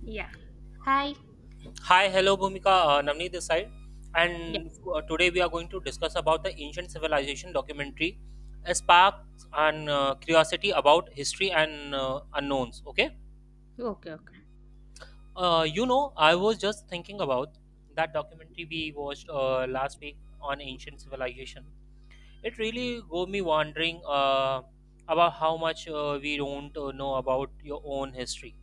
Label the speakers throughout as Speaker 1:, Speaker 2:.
Speaker 1: Yeah. Hi.
Speaker 2: Hi, hello, Bhumika. Navneet this side,
Speaker 1: Yeah.
Speaker 2: and today we are going to discuss about the ancient civilization documentary, a spark and curiosity about history and unknowns. Okay,
Speaker 1: Okay. Okay.
Speaker 2: I was just thinking about that documentary we watched last week on ancient civilization. It really got me wondering about how much we don't know about your own history.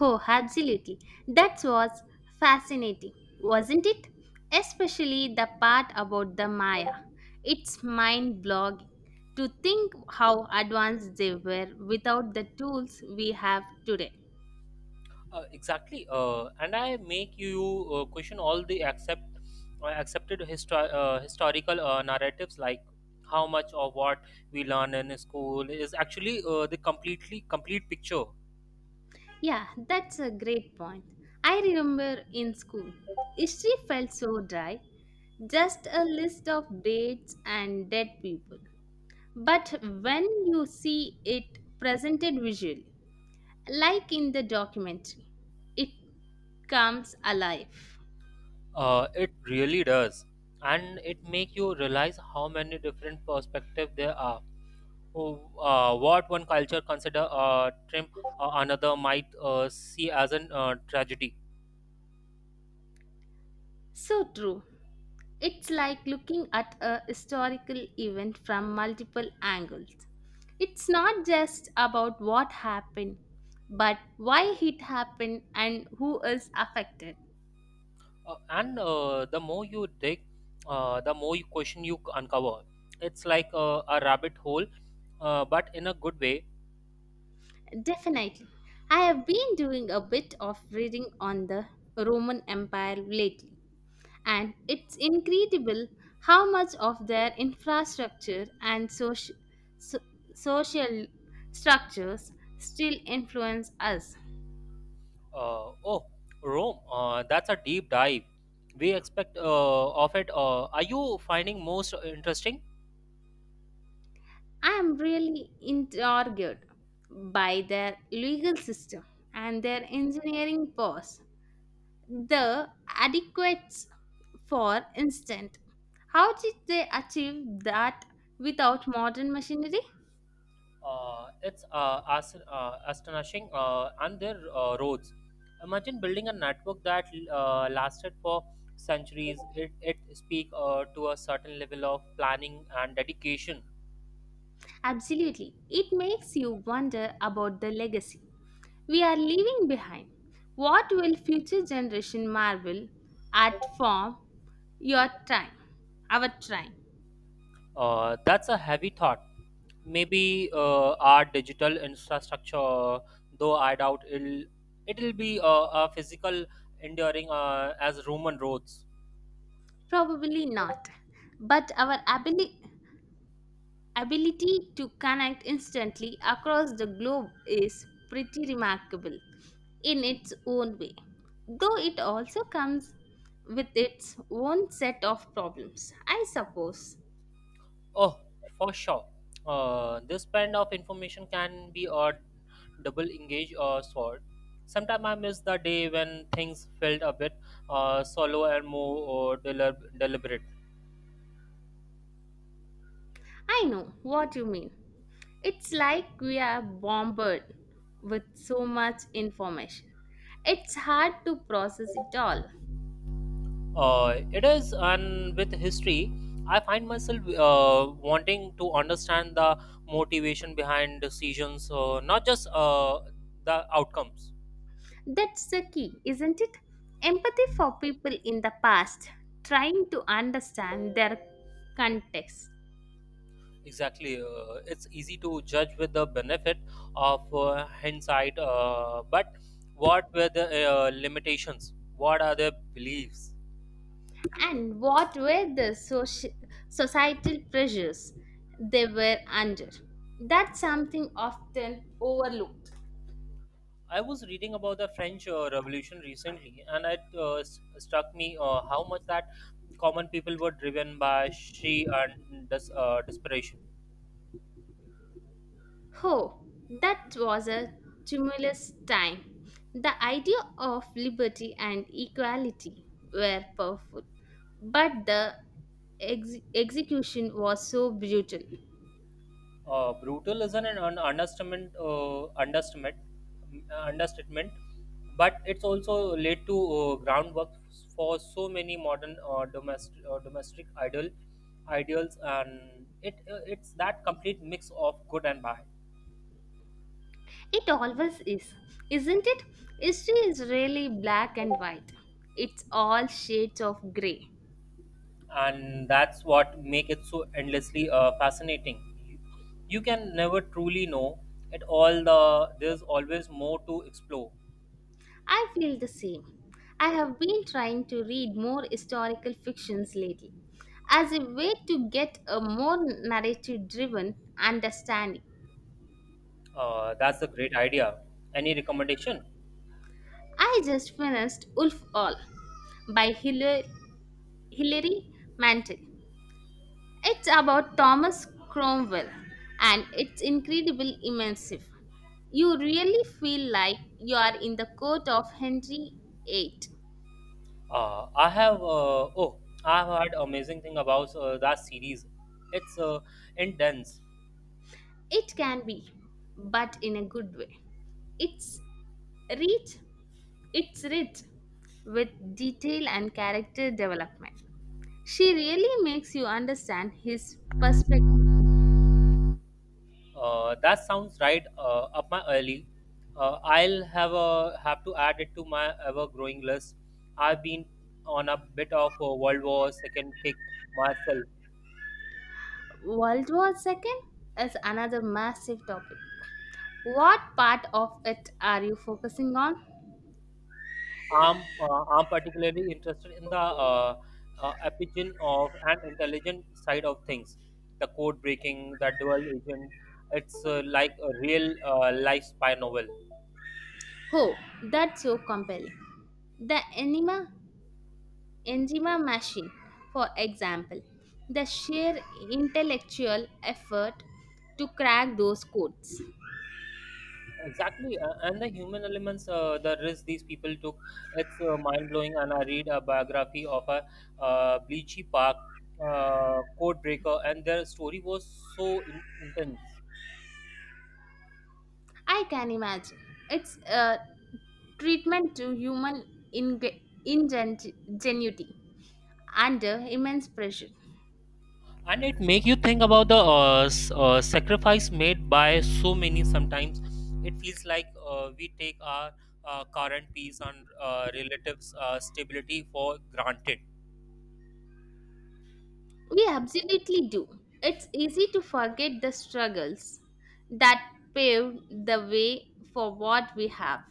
Speaker 1: Oh, absolutely. That was fascinating, wasn't it? Especially the part about the Maya. It's mind blogging to think how advanced they were without the tools we have today.
Speaker 2: Exactly, and I make you question all the accepted historical narratives, like how much of what we learn in school is actually the complete picture.
Speaker 1: Yeah, that's a great point. I remember in school, history felt so dry, just a list of dates and dead people. But when you see it presented visually, like in the documentary, it comes alive.
Speaker 2: It really does, and it make you realize how many different perspectives there are. Oh, what one culture consider trim, another might see as an tragedy.
Speaker 1: So true. It's like looking at a historical event from multiple angles. It's not just about what happened, but why it happened and who is affected.
Speaker 2: And The more you dig, the more you question you uncover. It's like a rabbit hole, but in a good way.
Speaker 1: Definitely. I have been doing a bit of reading on the Roman Empire lately, and it's incredible how much of their infrastructure and so- social structures still influence us.
Speaker 2: Uh, oh, Rome, that's a deep dive. We expect of it. Are you finding most interesting?
Speaker 1: I am really intrigued by their legal system and their engineering powers. The adequates, for instance, how did they achieve that without modern machinery?
Speaker 2: It's astonishing and their roads. Imagine building a network that lasted for centuries. It speak to a certain level of planning and dedication.
Speaker 1: Absolutely. It makes you wonder about the legacy we are leaving behind. What will future generation marvel at from your time? Our time?
Speaker 2: That's a heavy thought. Maybe our digital infrastructure, though I doubt it'll be a physical enduring as Roman roads.
Speaker 1: Probably not. But our ability to connect instantly across the globe is pretty remarkable in its own way, though it also comes with its own set of problems, I suppose.
Speaker 2: Oh, for sure. This kind of information can be a double engage sword. Sometimes I miss the day when things felt a bit solo and more deliberate.
Speaker 1: I know what you mean. It's like we are bombarded with so much information. It's hard to process it all.
Speaker 2: It is, and with history, I find myself wanting to understand the motivation behind decisions, not just the outcomes.
Speaker 1: That's the key, isn't it? Empathy for people in the past, trying to understand their context,
Speaker 2: Exactly, it's easy to judge with the benefit of hindsight, but what were the limitations? What are their beliefs?
Speaker 1: and what were the societal pressures they were under. That's something often overlooked.
Speaker 2: I was reading about the French Revolution recently, and it struck me how much that common people were driven by she and desperation.
Speaker 1: Oh, that was a tumultuous time. The idea of liberty and equality were powerful, but the execution was so brutal.
Speaker 2: Brutal isn't an un- understatement, understatement, understatement, but it's also laid to groundwork for so many modern domestic domestic idol ideals, and it's that complete mix of good and bad.
Speaker 1: It always is, isn't it? History is really black and white, it's all shades of grey.
Speaker 2: And that's what make it so endlessly fascinating. You can never truly know at all the there's always more to explore.
Speaker 1: I feel the same. I have been trying to read more historical fictions lately as a way to get a more narrative driven understanding.
Speaker 2: That's a great idea. Any recommendation?
Speaker 1: I just finished Wolf All by Hilary Mantel. It's about Thomas Cromwell, and it's incredibly immersive. You really feel like you are in the court of Henry VIII.
Speaker 2: Uh, i have uh, oh I've heard amazing thing about that series. It's intense.
Speaker 1: It can be, but in a good way. It's rich It's rich with detail and character development. She really makes you understand his perspective.
Speaker 2: That sounds right up my alley. Have to add it to my ever-growing list. I've been on a bit of a World War Second kick myself.
Speaker 1: World War II is another massive topic. What part of it are you focusing on?
Speaker 2: I'm uh, I'm particularly interested in the origin of an intelligent side of things, the code breaking, the dual agent. It's like a real life spy novel.
Speaker 1: Oh, that's so compelling. The enigma machine, for example, the sheer intellectual effort to crack those codes.
Speaker 2: Exactly, and the human elements, the risk these people took, it's mind blowing. And I read a biography of a Bleachy Park code breaker, and their story was so intense,
Speaker 1: I can imagine. It's a treatment to human inge- ingenuity under immense pressure.
Speaker 2: and it make you think about the sacrifice made by so many. Sometimes it feels like we take our current peace and relatives stability for granted.
Speaker 1: We absolutely do. It's easy to forget the struggles that paved the way for what we have.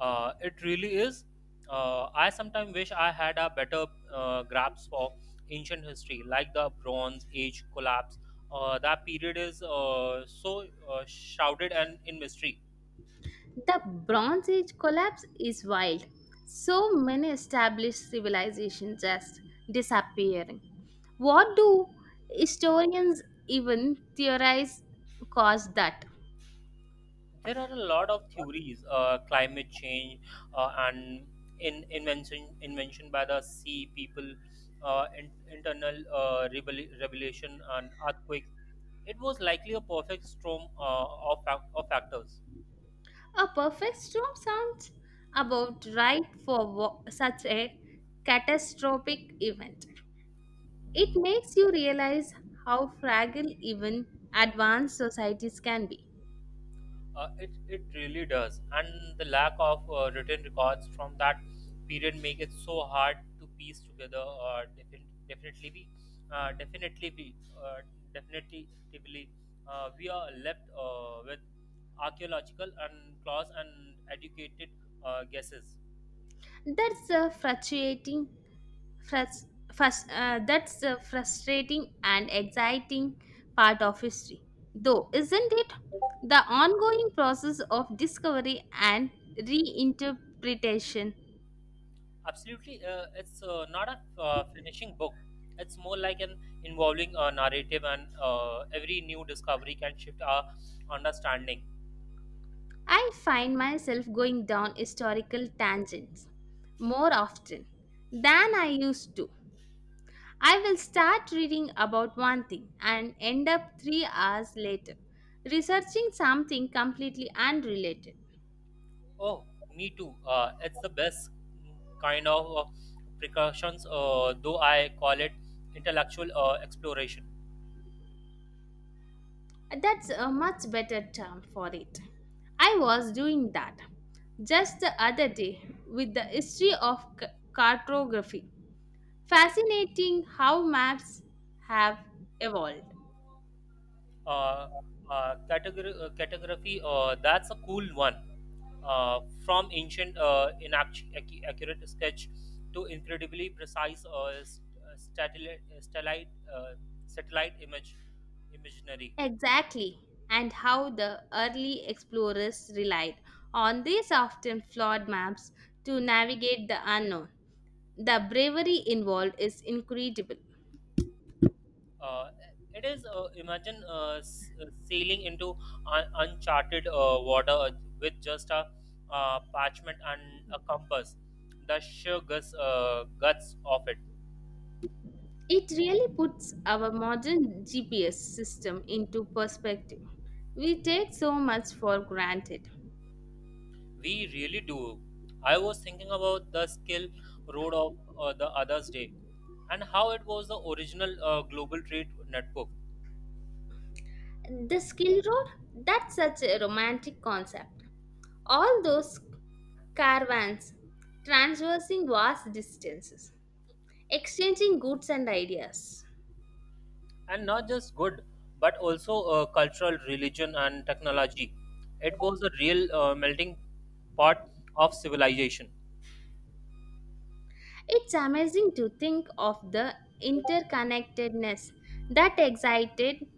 Speaker 2: It really is. I sometimes wish I had a better grasp of ancient history, like the Bronze Age collapse. That period is so shrouded and in mystery.
Speaker 1: The Bronze Age collapse is wild. So many established civilizations just disappearing. What do historians even theorize caused that?
Speaker 2: There are a lot of theories, climate change, and in invention invention by the Sea People, uh, in, internal revelation and earthquake. It was likely a perfect storm of factors.
Speaker 1: A perfect storm sounds about right for such a catastrophic event. It makes you realize how fragile even advanced societies can be.
Speaker 2: It really does. And the lack of written records from that period make it so hard to piece together. Uh, defin- definitely be definitely be uh, definitely we are left with archaeological and clause and educated guesses.
Speaker 1: That's a frustrating, frus- that's a frustrating and exciting part of history, though, isn't it? The ongoing process of discovery and reinterpretation.
Speaker 2: Absolutely, it's not a finishing book. It's more like an involving a narrative, and every new discovery can shift our understanding.
Speaker 1: I find myself going down historical tangents more often than I used to. I will start reading about one thing and end up 3 hours later researching something completely unrelated.
Speaker 2: Oh, me too. It's the best kind of precautions, though I call it intellectual exploration.
Speaker 1: That's a much better term for it. I was doing that just the other day with the history of cartography. Fascinating how maps have evolved.
Speaker 2: Uh, Category, that's a cool one. Uh, from ancient inaccurate accurate sketch to incredibly precise uh, satellite image imaginary.
Speaker 1: Exactly, and how the early explorers relied on these often flawed maps to navigate the unknown. The bravery involved is incredible.
Speaker 2: Uh, it is. Imagine sailing into uncharted water with just a parchment and a compass. The sheer guts of it.
Speaker 1: It really puts our modern GPS system into perspective. We take so much for granted.
Speaker 2: We really do. I was thinking about the skill road of the others day, and how it was the original global trade network,
Speaker 1: The skill road, that's such a romantic concept. All those caravans traversing vast distances, exchanging goods and ideas.
Speaker 2: and not just good, but also cultural, religion, and technology. It was a real melting pot of civilization.
Speaker 1: It's amazing to think of the interconnectedness that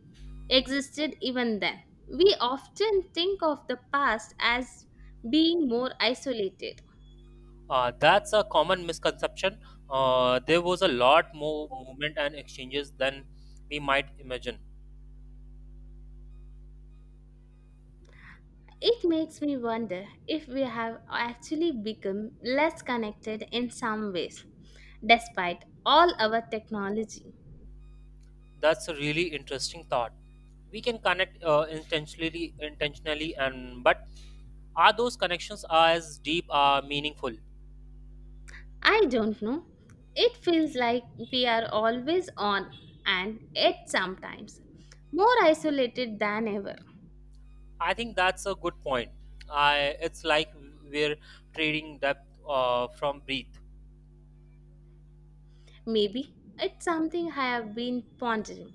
Speaker 1: existed even then. We often think of the past as being more isolated.
Speaker 2: That's a common misconception. There was a lot more movement and exchanges than we might imagine.
Speaker 1: It makes me wonder if we have actually become less connected in some ways, despite all our technology.
Speaker 2: That's a really interesting thought. We can connect intentionally, and but are those connections as deep, are meaningful?
Speaker 1: I don't know. It feels like we are always on, and yet sometimes more isolated than ever.
Speaker 2: I think that's a good point. I It's like we're trading depth from breadth.
Speaker 1: Maybe it's something I have been pondering.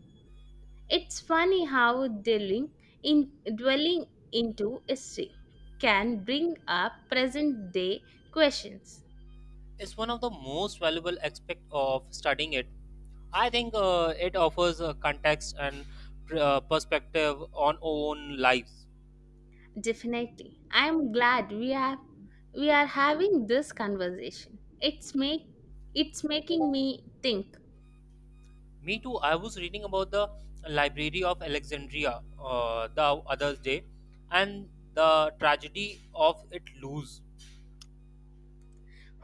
Speaker 1: It's funny how dwelling into history can bring up present day questions.
Speaker 2: It's one of the most valuable aspect of studying it, I think. It offers a context and perspective on own lives.
Speaker 1: Definitely. I am glad we are having this conversation. It's making me think.
Speaker 2: Me too. I was reading about the Library of Alexandria the other day, and the tragedy of it lose.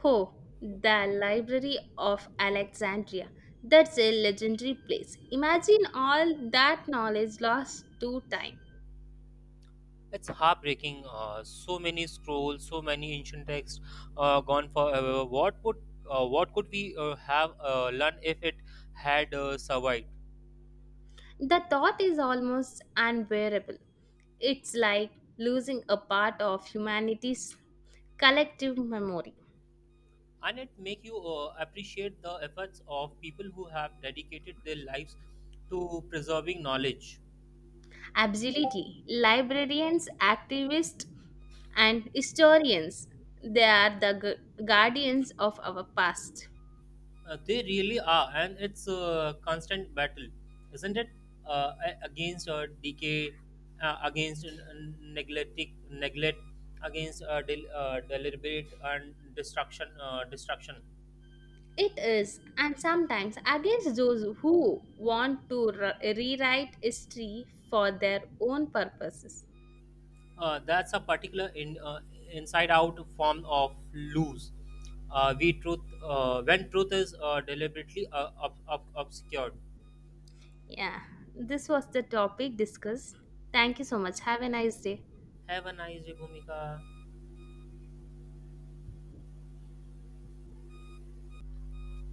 Speaker 1: Oh, the Library of Alexandria. That's a legendary place. Imagine all that knowledge lost to time.
Speaker 2: It's heartbreaking. So many scrolls, so many ancient texts gone forever. What would what could we have learned if it had survived?
Speaker 1: The thought is almost unbearable. It's like losing a part of humanity's collective memory.
Speaker 2: And it make you appreciate the efforts of people who have dedicated their lives to preserving knowledge.
Speaker 1: Absolutely. Librarians, activists, and historians, they are the guardians of our past.
Speaker 2: They really are, and it's a constant battle, isn't it? Against decay, against neglect, against del- deliberate and destruction destruction.
Speaker 1: It is, and sometimes against those who want to rewrite history for their own purposes.
Speaker 2: That's a particular inside-out form of lose. We truth when truth is deliberately obscured.
Speaker 1: Yeah, this was the topic discussed. Thank you so much. Have a nice day.
Speaker 2: Have a nice day, Bhumika.